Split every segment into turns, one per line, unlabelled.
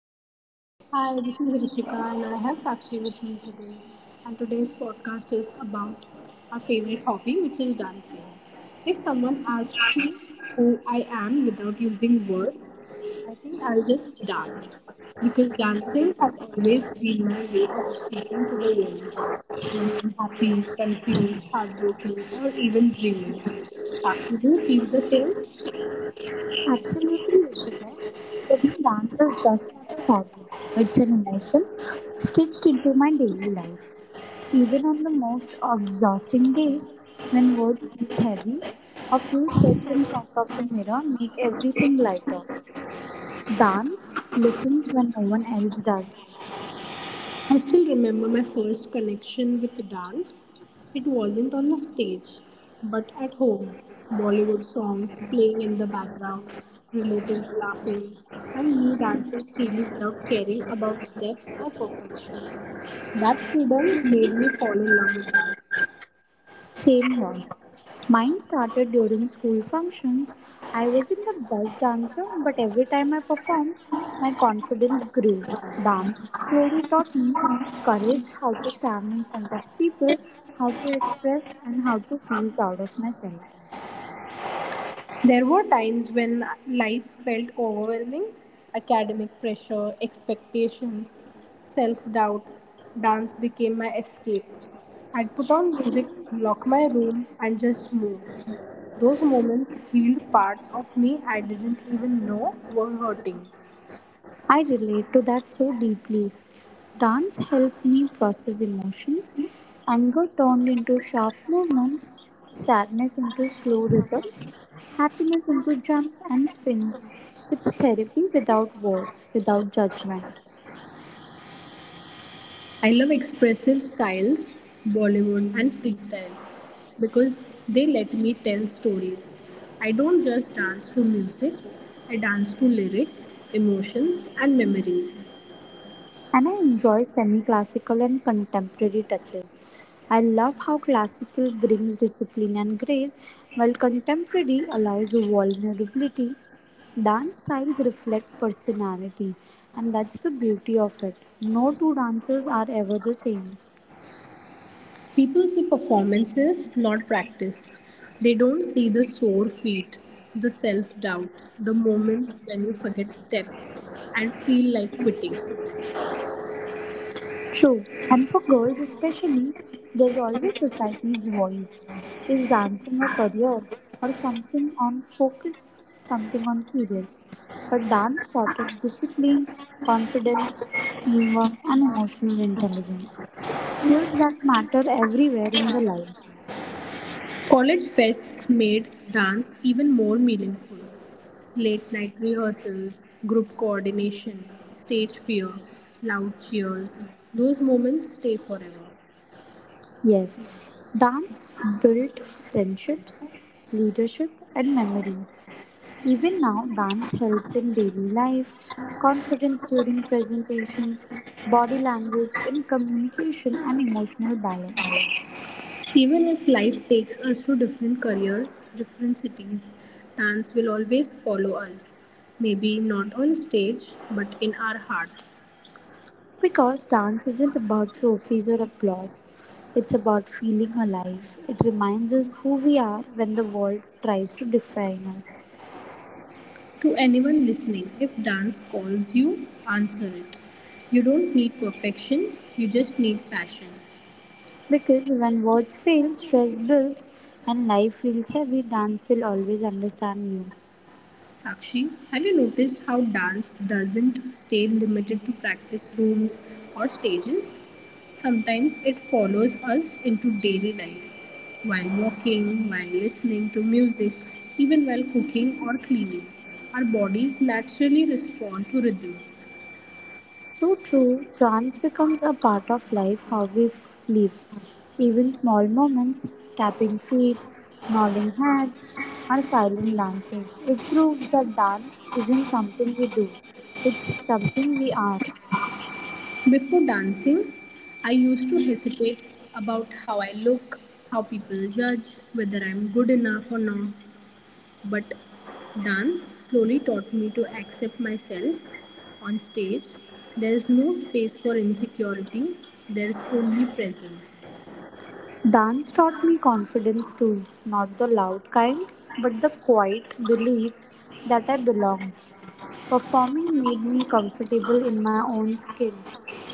Hello.
hi, this is Rishika and I have Sakshi with me today. And today's podcast is about our favorite hobby, which is dancing. If someone asks me who I am without using words, I think I'll just dance because dancing has always been my way of speaking to the world when I'm happy, confused, heartbroken, or even dreaming. Sakshi, do you feel the same?
Absolutely, Rishika. For me, dance is just not a hobby. It's an emotion stitched into my daily life. Even on the most exhausting days, when words feel heavy, a few steps in front of the mirror make everything lighter. Dance listens when no one else does.
I still remember my first connection with dance. It wasn't on the stage, but at home. Bollywood songs playing in the background, relatives laughing, and me dancing freely without caring about steps or perfection. That freedom made me fall in love with dance.
Same here. Mine started during school functions. I wasn't the best dancer, but every time I performed, my confidence grew. Dance slowly taught me courage, how to stand in front of people, how to express, and how to feel proud of myself.
There were times when life felt overwhelming academic pressure, expectations, self doubt. Dance became my escape. I'd put on music, lock my room, and just move. Those moments healed parts of me I didn't even know were hurting.
I relate to that so deeply. Dance helped me process emotions. Anger turned into sharp movements, sadness into slow rhythms, happiness into jumps and spins. It's therapy without words, without judgment.
I love expressive styles, Bollywood, and freestyle because they let me tell stories. I don't just dance to music, I dance to lyrics, emotions, and memories.
And I enjoy semi classical and contemporary touches. I love how classical brings discipline and grace, while contemporary allows vulnerability. Dance styles reflect personality, and that's the beauty of it. No two dances are ever the same.
People see performances, not practice. They don't see the sore feet, the self doubt, the moments when you forget steps and feel like quitting.
True, and for girls especially, there's always society's voice. Is dancing a career or something on focus, something on serious? But dance taught started discipline, confidence, teamwork, and emotional intelligence. Skills that matter everywhere in the life.
College fests made dance even more meaningful. Late night rehearsals, group coordination, stage fear, loud cheers. Those moments stay forever.
Yes, dance built friendships, leadership, and memories. Even now, dance helps in daily life, confidence during presentations, body language in communication, and emotional balance.
Even if life takes us to different careers, different cities, dance will always follow us. Maybe not on stage, but in our hearts.
Because dance isn't about trophies or applause, it's about feeling alive. It reminds us who we are when the world tries to define us.
To anyone listening, if dance calls you, answer it. You don't need perfection, you just need passion.
Because when words fail, stress builds, and life feels heavy, dance will always understand you.
Sakshi, have you noticed how dance doesn't stay limited to practice rooms or stages? Sometimes it follows us into daily life, while walking, while listening to music, even while cooking or cleaning. Our bodies naturally respond to rhythm.
So true, trance becomes a part of life, live. Even small moments, tapping feet, nodding heads, or silent dances. It proves that dance isn't something we do, it's something we are.
Before dancing, I used to hesitate about how I look, how people judge, whether I'm good enough or not. But dance slowly taught me to accept myself on stage. There is no space for insecurity, there is only presence.
Dance taught me confidence too, not the loud kind, but the quiet belief that I belong. Performing made me comfortable in my own skin.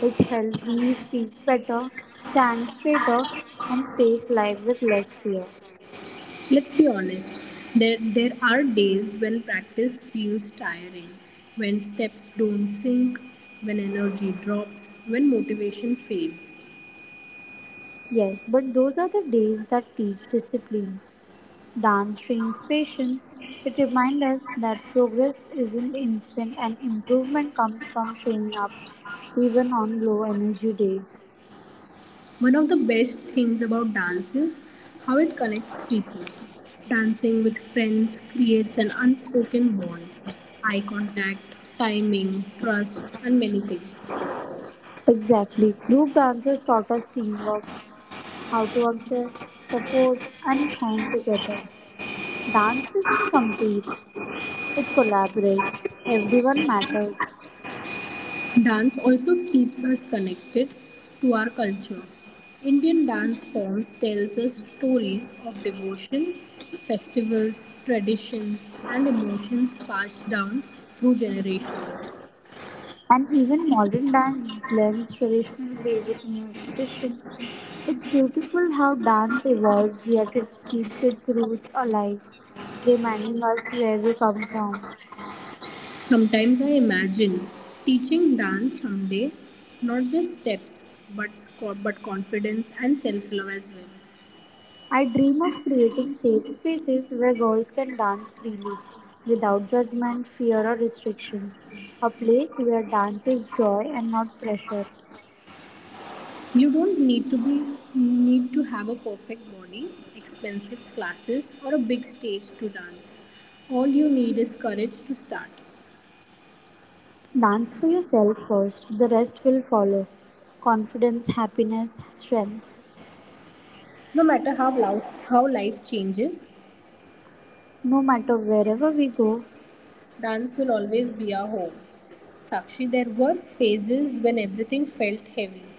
It helped me speak better, stand straighter, and face life with less fear.
Let's be honest, there are days when practice feels tiring, when steps don't sink, when energy drops, when motivation fades.
Yes, but those are the days that teach discipline. Dance trains patience. It reminds us that progress isn't instant and improvement comes from showing up, even on low energy days.
One of the best things about dance is how it connects people. Dancing with friends creates an unspoken bond, eye contact, timing, trust, and many things.
Exactly. Group dances taught us teamwork, how to adjust, support, and shine together. Dance doesn't compete, it collaborates. Everyone matters.
Dance also keeps us connected to our culture. Indian dance forms tells us stories of devotion, festivals, traditions, and emotions passed down through generations.
And even modern dance blends traditional way with new expression. It's beautiful how dance evolves, yet it keeps its roots alive, reminding us where we come from.
Sometimes I imagine teaching dance someday, not just steps, but confidence and self-love as well.
I dream of creating safe spaces where girls can dance freely, without judgment, fear, or restrictions. A place where dance is joy and not pressure.
You don't need to have a perfect body, expensive classes, or a big stage to dance. All you need is courage to start.
Dance for yourself first, the rest will follow. Confidence, happiness, strength.
No matter how loud, how life changes,
No matter wherever we go.
dance will always be our home. Sakshi, there were phases when everything felt heavy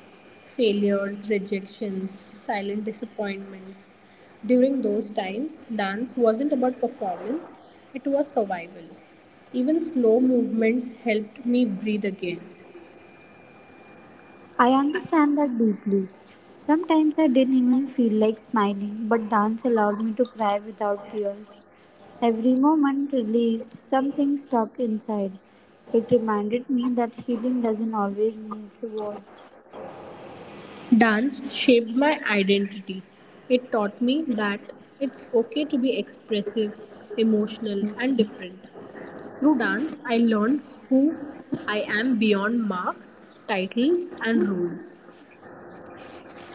failures, rejections, silent disappointments. During those times, dance wasn't about performance, it was survival. Even slow movements helped me breathe again.
I understand that deeply. Sometimes I didn't even feel like smiling, but dance allowed me to cry without tears. Every moment released something stuck inside. It reminded me that healing doesn't always need words.
Dance shaped my identity. It taught me that it's okay to be expressive, emotional, and different. Through dance, I learned who I am beyond marks, titles, and rules.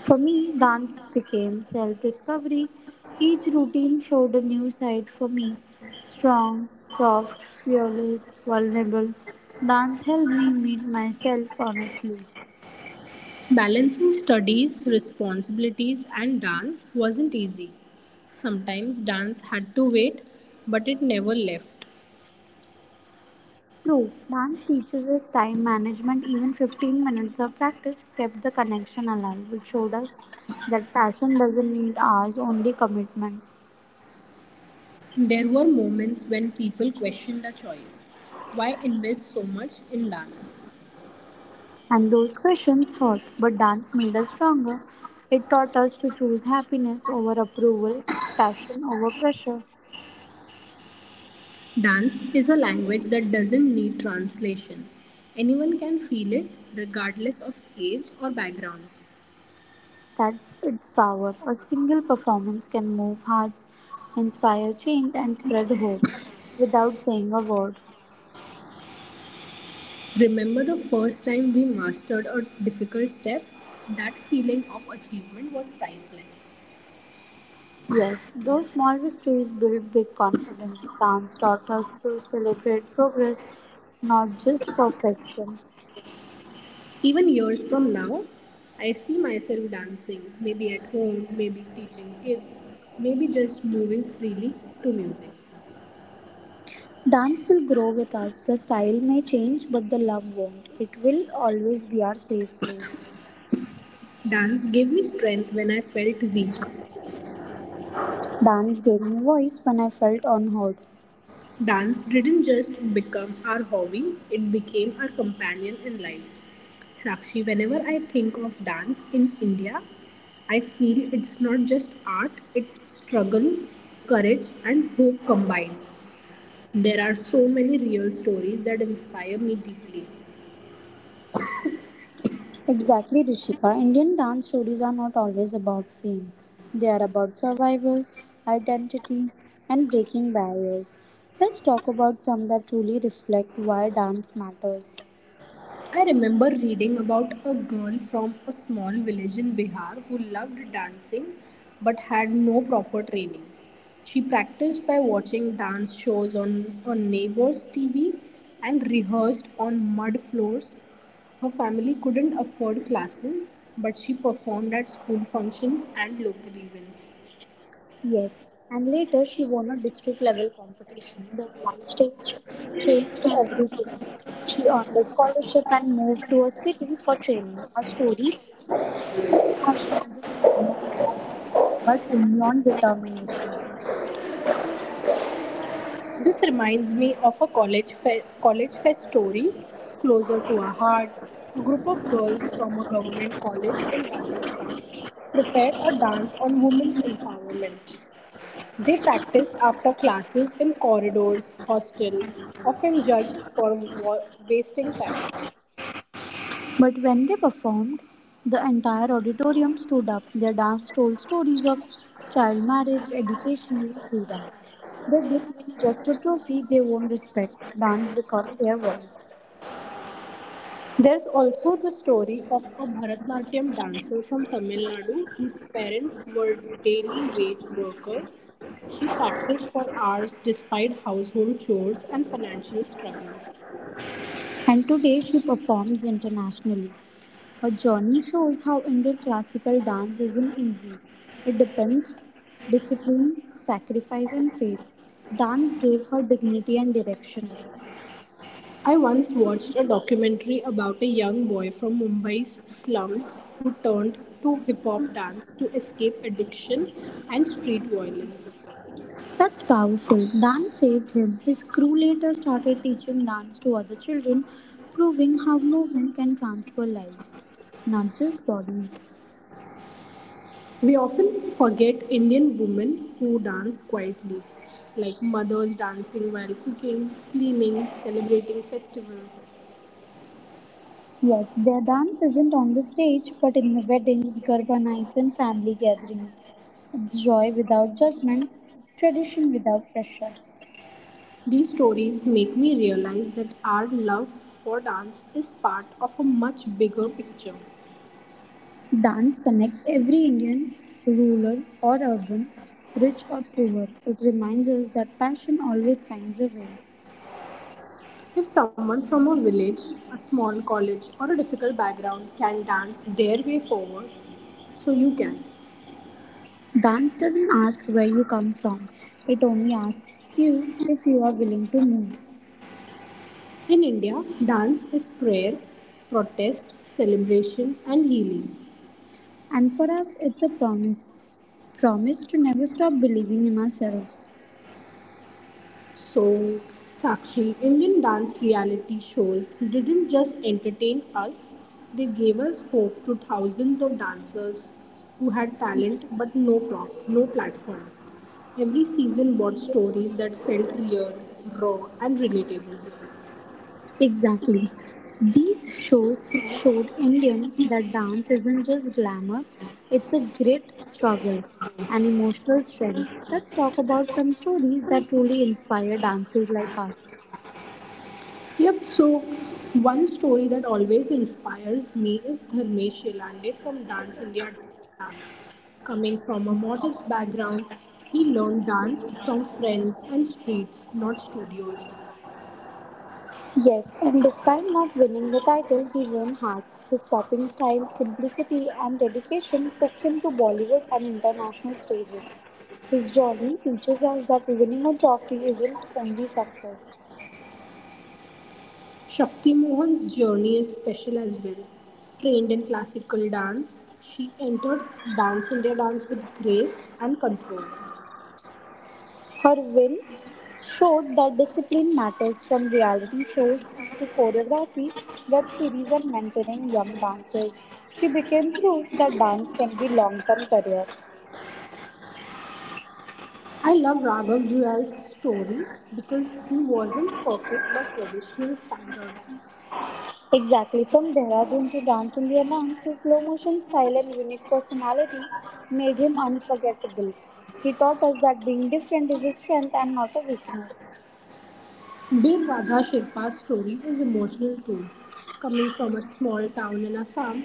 For me, dance became self discovery. Each routine showed a new side for me strong, soft, fearless, vulnerable. Dance helped me meet myself honestly.
Balancing studies, responsibilities, and dance wasn't easy. Sometimes dance had to wait, but it never left.
True, dance teaches us time management. Even 15 minutes of practice kept the connection alive. It showed us that passion doesn't need hours, only commitment.
There were moments when people questioned our choice. Why invest so much in dance?
And those questions hurt, but dance made us stronger. It taught us to choose happiness over approval, passion over pressure.
Dance is a language that doesn't need translation. Anyone can feel it, regardless of age or background.
That's its power. A single performance can move hearts, inspire change, and spread hope without saying a word.
Remember the first time we mastered a difficult step? That feeling of achievement was priceless.
Yes, those small victories build big confidence. Dance taught us to celebrate progress, not just perfection.
Even years from now, I see myself dancing, maybe at home, maybe teaching kids, maybe just moving freely to music.
Dance will grow with us. The style may change, but the love won't. It will always be our safe place.
Dance gave me strength when I felt weak.
Dance gave me voice when I felt unheard.
Dance didn't just become our hobby, it became our companion in life. Sakshi, whenever I think of dance in India, I feel it's not just art, it's struggle, courage, and hope combined. There are so many real stories that inspire me deeply.
Exactly, Rishika. Indian dance stories are not always about fame, they are about survival, identity, and breaking barriers. Let's talk about some that truly reflect why dance matters.
I remember reading about a girl from a small village in Bihar who loved dancing but had no proper training. She practiced by watching dance shows on neighbors' TV and rehearsed on mud floors. Her family couldn't afford classes, but she performed at school functions and local events.
Yes, and later she won a district level competition. That one stage changed everything. She earned a scholarship and moved to a city for training. Her story proves that talent doesn't depend on money, but only on determination.
This reminds me of a college fest story closer to our hearts. A group of girls from a government college in Rajasthan prepared a dance on women's empowerment. They practiced after classes in corridors, hostel, often judged for wasting time.
But when they performed, the entire auditorium stood up. Their dance told stories of child marriage, education, and freedom. They didn't win just a trophy, they won respect. Dance became their voice.
There is also the story of a Bharatanatyam dancer from Tamil Nadu whose parents were daily wage workers. She practiced for hours despite household chores and financial struggles.
And today she performs internationally. Her journey shows how Indian classical dance isn't easy. It depends discipline, sacrifice and faith. Dance gave her dignity and direction.
I once watched a documentary about a young boy from Mumbai's slums who turned to hip hop dance to escape addiction and street violence.
That's powerful. Dance saved him. His crew later started teaching dance to other children, proving how movement can transform lives, not just bodies.
We often forget Indian women who dance quietly, like mothers dancing while cooking, cleaning, celebrating festivals.
Yes, their dance isn't on the stage, but in the weddings, Garba nights, and family gatherings. It's joy without judgment, tradition without pressure.
These stories make me realize that our love for dance is part of a much bigger picture.
Dance connects every Indian, rural or urban, rich or poor. It reminds us that passion always finds a way.
If someone from a village, a small college, or a difficult background can dance their way forward, so you can.
Dance doesn't ask where you come from, it only asks you if you are willing to move.
In India, dance is prayer, protest, celebration, and healing.
And for us, it's a promise promise to never stop believing in ourselves.
So, Sakshi, Indian dance reality shows didn't just entertain us, they gave us hope to thousands of dancers who had talent but no prop, no platform. Every season brought stories that felt real, raw, and relatable.
Exactly. These shows showed Indian that dance isn't just glamour, it's a great struggle and emotional strength. Let's talk about some stories that truly inspire dancers like us.
Yep, so one story that always inspires me is Dharmesh Shilande from Dance India Dance. Coming from a modest background, he learned dance from friends and streets, not studios.
Yes, and despite not winning the title, he won hearts. His popping style, simplicity, and dedication took him to Bollywood and international stages. His journey teaches us that winning a trophy isn't only success.
Shakti Mohan's journey is special as well. Trained in classical dance, she entered Dance India Dance with grace and control.
Her win showed that discipline matters from reality shows to choreography, web series, and mentoring young dancers. She became proof that dance can be long term career.
I love Raghav Juel's story because he wasn't perfect by traditional standards.
Exactly from Dehradun to Dance India Dance, his slow motion style and unique personality made him unforgettable. He taught us that being different is a strength and not a weakness.
Bir Radha Shilpa's story is emotional too. Coming from a small town in Assam,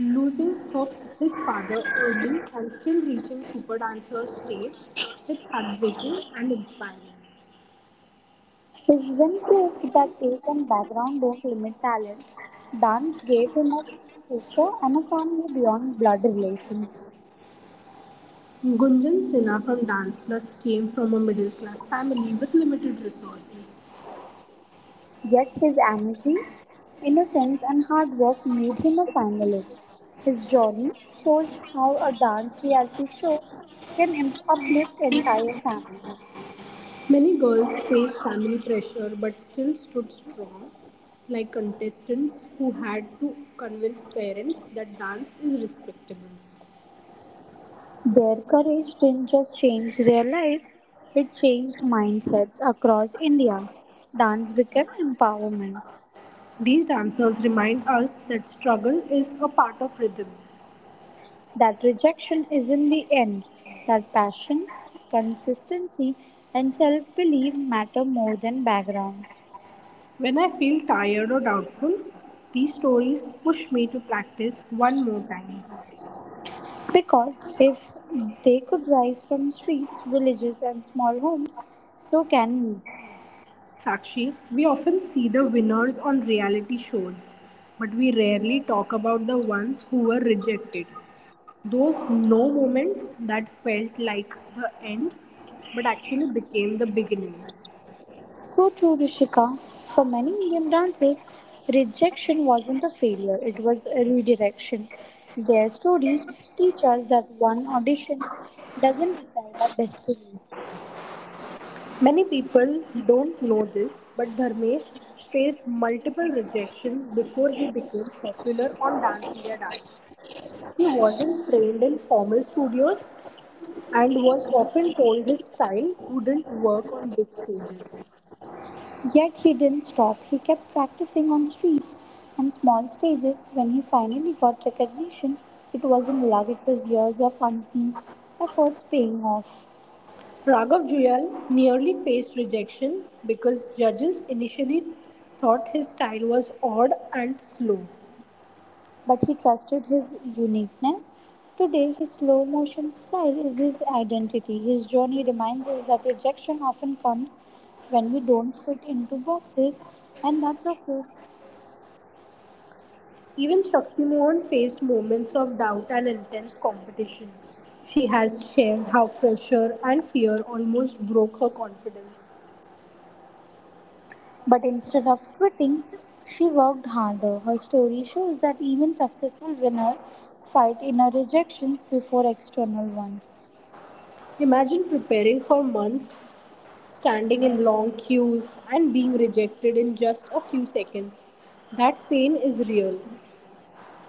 losing her, his father early and still reaching super dancer stage, it's heartbreaking and inspiring.
His win proved that age and background don't limit talent. Dance gave him a future and a family beyond blood relations.
Gunjan Sinha from Dance Plus came from a middle class family with limited resources.
Yet his energy, innocence, and hard work made him a finalist. His journey shows how a dance reality show uplift entire families.
Many girls faced family pressure but still stood strong, like contestants who had to convince parents that dance is respectable.
Their courage didn't just change their lives, it changed mindsets across India. Dance became empowerment.
These dancers remind us that struggle is a part of rhythm.
That rejection is in the end, that passion, consistency, and self belief matter more than background.
When I feel tired or doubtful, these stories push me to practice one more time.
Because if they could rise from streets, villages, and small homes, so can you.
Sakshi, we often see the winners on reality shows, but we rarely talk about the ones who were rejected. Those no moments that felt like the end but actually became the beginning.
So too, Rishika, for many Indian dancers, rejection wasn't a failure, it was a redirection. Their stories teach us that one audition doesn't decide our destiny.
Many people don't know this, but Dharmesh faced multiple rejections before he became popular on Dance India Dance. He wasn't trained in formal studios and was often told his style wouldn't work on big stages.
Yet he didn't stop, he kept practicing on streets and small stages. When he finally got recognition, it wasn't luck, it was years of unseen efforts paying off.
Raghav Juyal nearly faced rejection because judges initially thought his style was odd and slow.
But he trusted his uniqueness. Today, his slow motion style is his identity. His journey reminds us that rejection often comes when we don't fit into boxes, and that's okay.
Even Shakti-Mohan faced moments of doubt and intense competition. She has shared how pressure and fear almost broke her confidence.
But instead of quitting, she worked harder. Her story shows that even successful winners fight inner rejections before external ones.
Imagine preparing for months, standing in long queues, and being rejected in just a few seconds. That pain is real.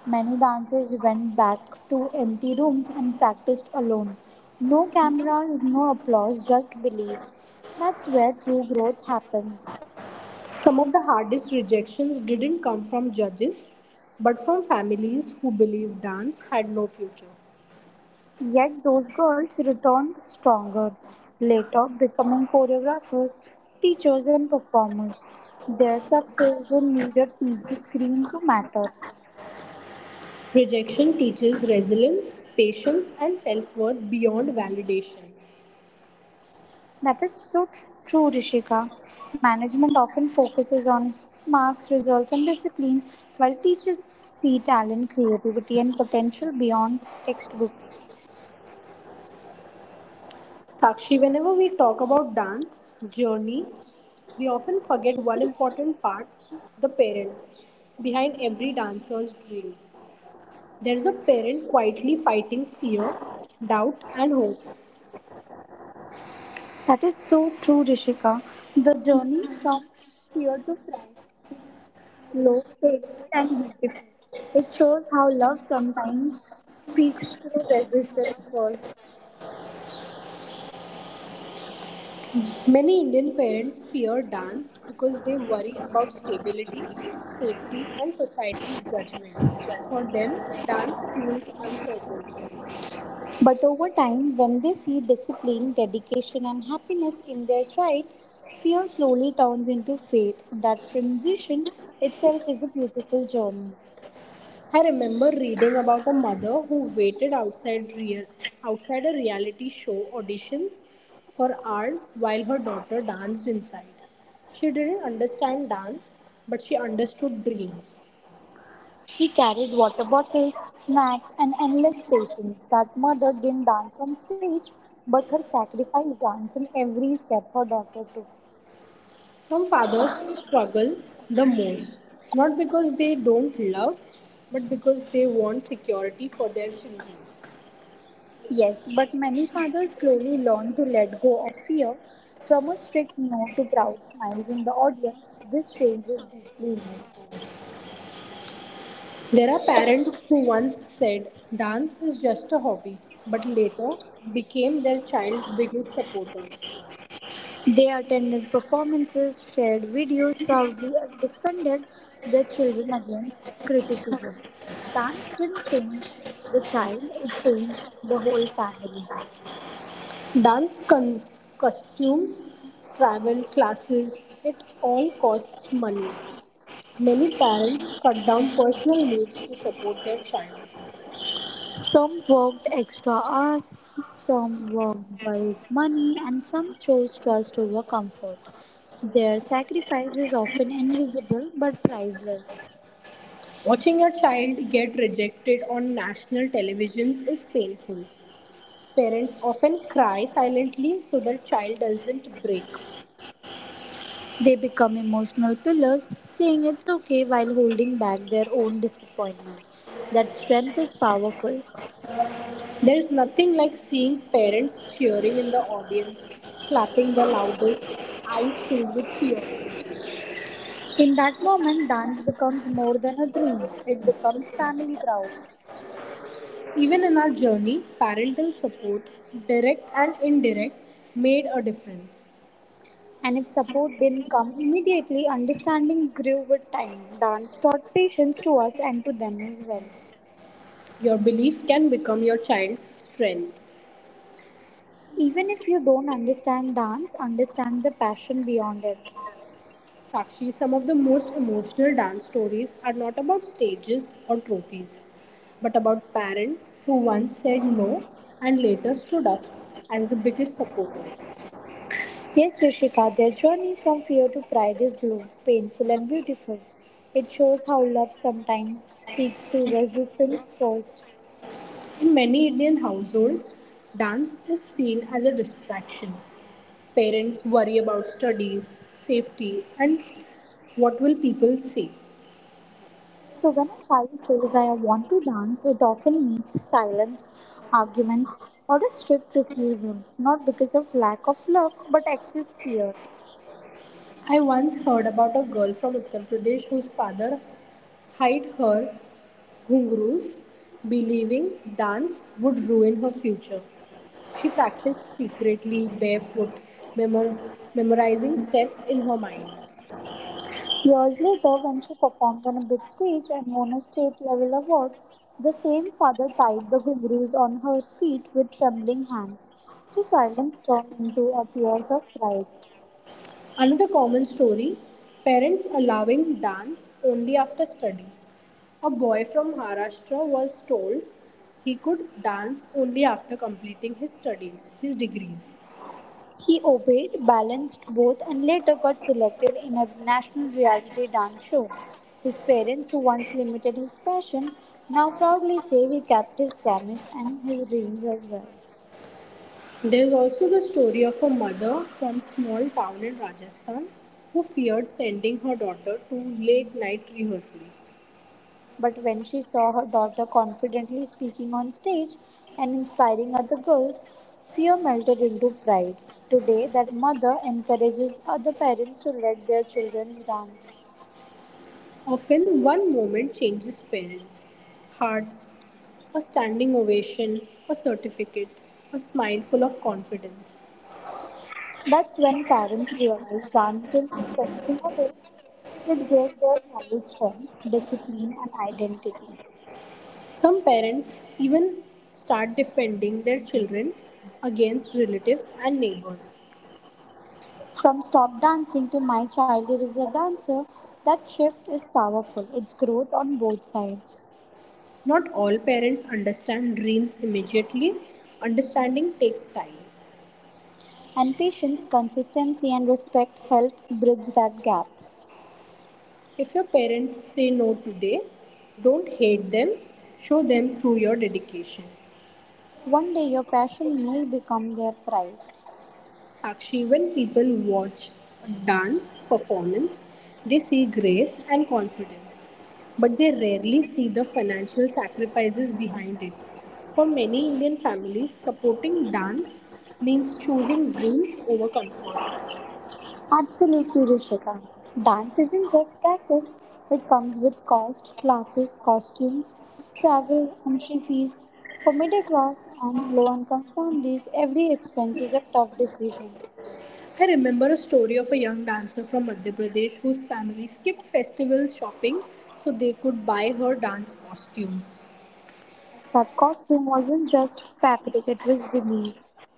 Many dancers went back to empty rooms and practiced alone. No cameras, no applause, just belief. That's where true growth happened.
Some of the hardest rejections didn't come from judges, but from families who believed dance had no future.
Yet those girls returned stronger, later becoming choreographers, teachers, and performers. Their success didn't need a TV screen to matter.
Rejection teaches resilience, patience, and self worth beyond validation.
That is so true, Rishika. Management often focuses on marks, results, and discipline, while teachers see talent, creativity, and potential beyond textbooks.
Sakshi, whenever we talk about dance journey, we often forget one important part the parents. Behind every dancer's dream, there is a parent quietly fighting fear, doubt, and hope.
That is so true, Rishika. The journey from fear to fright is slow, painful, and beautiful. It shows how love sometimes speaks through resistance first.
Many Indian parents fear dance because they worry about stability, safety, and society's judgment. For them, dance feels uncertain.
But over time, when they see discipline, dedication, and happiness in their child, fear slowly turns into faith. That transition itself is a beautiful journey.
I remember reading about a mother who waited outside a reality show auditions for hours while her daughter danced inside. She didn't understand dance, but she understood dreams.
He carried water bottles, snacks, and endless patience. That mother didn't dance on stage, but her sacrifice danced in every step her daughter took.
Some fathers struggle the most, not because they don't love, but because they want security for their children.
Yes, but many fathers slowly learn to let go of fear. From a strict no to proud smiles in the audience, this change is deeply emotional.
There are parents who once said dance is just a hobby, but later became their child's biggest supporters.
They attended performances, shared videos proudly, and defended their children against criticism. Dance didn't change the child, it changed the whole family.
Costumes, travel, classes, it all costs money. Many parents cut down personal needs to support their child.
Some worked extra hours, some worked bulk money, and some chose trust over comfort. Their sacrifice is often invisible but priceless.
Watching your child get rejected on national televisions is painful. Parents often cry silently so their child doesn't break.
They become emotional pillars, saying it's okay while holding back their own disappointment. That strength is powerful.
There's nothing like seeing parents cheering in the audience, clapping the loudest, eyes filled with tears.
In that moment, dance becomes more than a dream, it becomes family proud.
Even in our journey, parental support, direct and indirect, made a difference.
And if support didn't come immediately, understanding grew with time. Dance taught patience to us and to them as well.
Your belief can become your child's strength.
Even if you don't understand dance, understand the passion beyond it.
Sakshi, some of the most emotional dance stories are not about stages or trophies, but about parents who once said no and later stood up as the biggest supporters.
Yes, Rishika, their journey from fear to pride is low, painful, and beautiful. It shows how love sometimes speaks through resistance first.
In many Indian households, dance is seen as a distraction. Parents worry about studies, safety, and what will people say.
So, when a child says, I want to dance, it often means silence, arguments, or a strict refusal, not because of lack of love but excess fear.
I once heard about a girl from Uttar Pradesh whose father hid her ghungroos, believing dance would ruin her future. She practiced secretly barefoot, memor- memorizing steps in her mind.
Years later, when she performed on a big stage and won a state level award, the same father tied the gurus on her feet with trembling hands. His silence turned into a tears of pride.
Another common story, parents allowing dance only after studies. A boy from Maharashtra was told he could dance only after completing his studies, his degrees.
He obeyed, balanced both, and later got selected in a national reality dance show. His parents, who once limited his passion, now proudly say he kept his promise and his dreams as well.
There is also the story of a mother from small town in Rajasthan who feared sending her daughter to late night rehearsals.
But when she saw her daughter confidently speaking on stage and inspiring other girls, fear melted into pride. Today, that mother encourages other parents to let their children dance.
Often one moment changes parents, hearts, a standing ovation, a certificate, a smile full of confidence.
That's when parents realized dance didn't take anything away, it gave their child strength, discipline, and identity.
Some parents even start defending their children against relatives and neighbors.
From stop dancing to my child is a dancer, that shift is powerful. It's growth on both sides.
Not all parents understand dreams immediately. Understanding takes time.
And patience, consistency, and respect help bridge that gap.
If your parents say no today, don't hate them, show them through your dedication.
One day, your passion may become their pride.
Sakshi, when people watch a dance performance, they see grace and confidence, but they rarely see the financial sacrifices behind it. For many Indian families, supporting dance means choosing dreams over comfort.
Absolutely, Rishika. Dance isn't just practice, it comes with cost, classes, costumes, travel, entry fees. For middle class and low income families, every expense is a tough decision.
I remember a story of a young dancer from Madhya Pradesh whose family skipped festival shopping so they could buy her dance costume.
That costume wasn't just fabric, it was belief.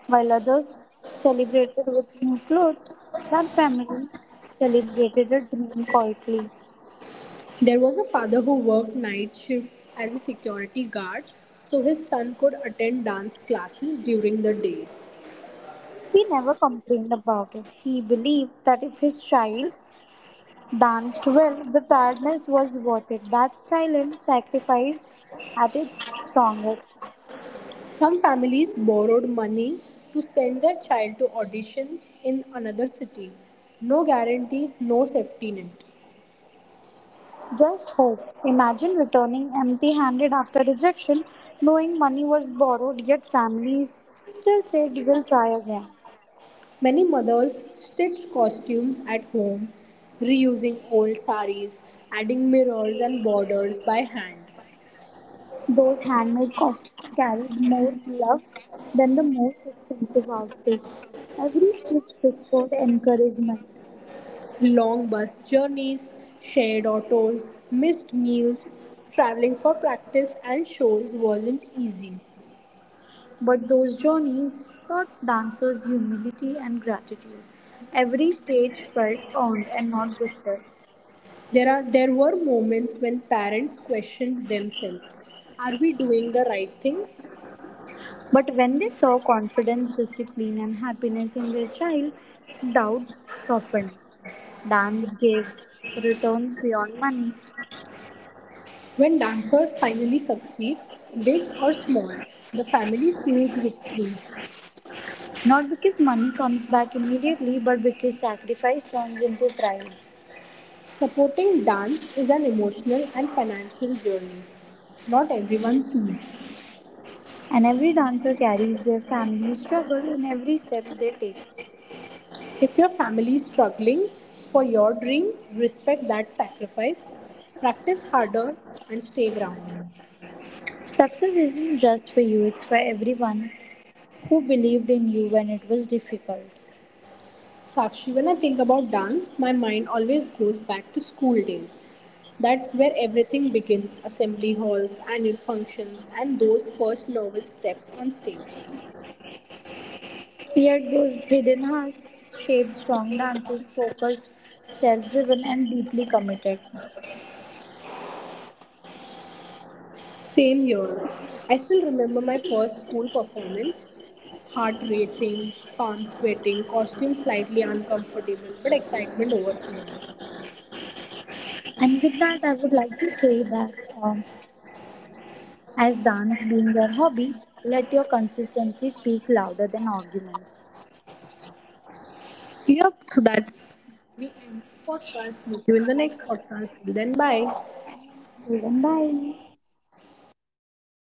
While others celebrated with new clothes, that family celebrated a dream quietly.
There was a father who worked night shifts as a security guard so his son could attend dance classes during the day.
He never complained about it. He believed that if his child danced well, the tiredness was worth it. That silent sacrifice at its strongest.
Some families borrowed money to send their child to auditions in another city. No guarantee, no safety net.
Just hope. Imagine returning empty handed after rejection, knowing money was borrowed, yet families still said, We'll try again.
Many mothers stitched costumes at home, reusing old saris, adding mirrors and borders by hand.
Those handmade costumes carried more love than the most expensive outfits. Every stitch whispered encouragement.
Long bus journeys, shared autos, missed meals, traveling for practice and shows wasn't easy.
But those journeys taught dancers humility and gratitude. Every stage felt earned and not gifted.
There were moments when parents questioned themselves. Are we doing the right thing?
But when they saw confidence, discipline, and happiness in their child, doubts softened. Dance gave returns beyond money,
When dancers finally succeed, big or small, the family feels victory.
not because money comes back immediately, but because sacrifice turns into pride.
Supporting dance is an emotional and financial journey. Not everyone sees.
And every dancer carries their family struggle in every step they take.
If your family is struggling for your dream, respect that sacrifice, practice harder, and stay grounded.
Success isn't just for you, it's for everyone who believed in you when it was difficult.
Sakshi, when I think about dance, my mind always goes back to school days. That's where everything began assembly halls, annual functions, and those first nervous steps on stage.
Yet those hidden hearts shaped strong dancers, focused, self driven, and deeply committed.
Same year, I still remember my first school performance heart racing, palms sweating, costume slightly uncomfortable, but excitement overflowing.
And with that, I would like to say that um, as dance being your hobby, let your consistency speak louder than arguments.
Yep, so that's we end our podcast. Meet you in the next podcast. Till then, bye.
Till then, bye.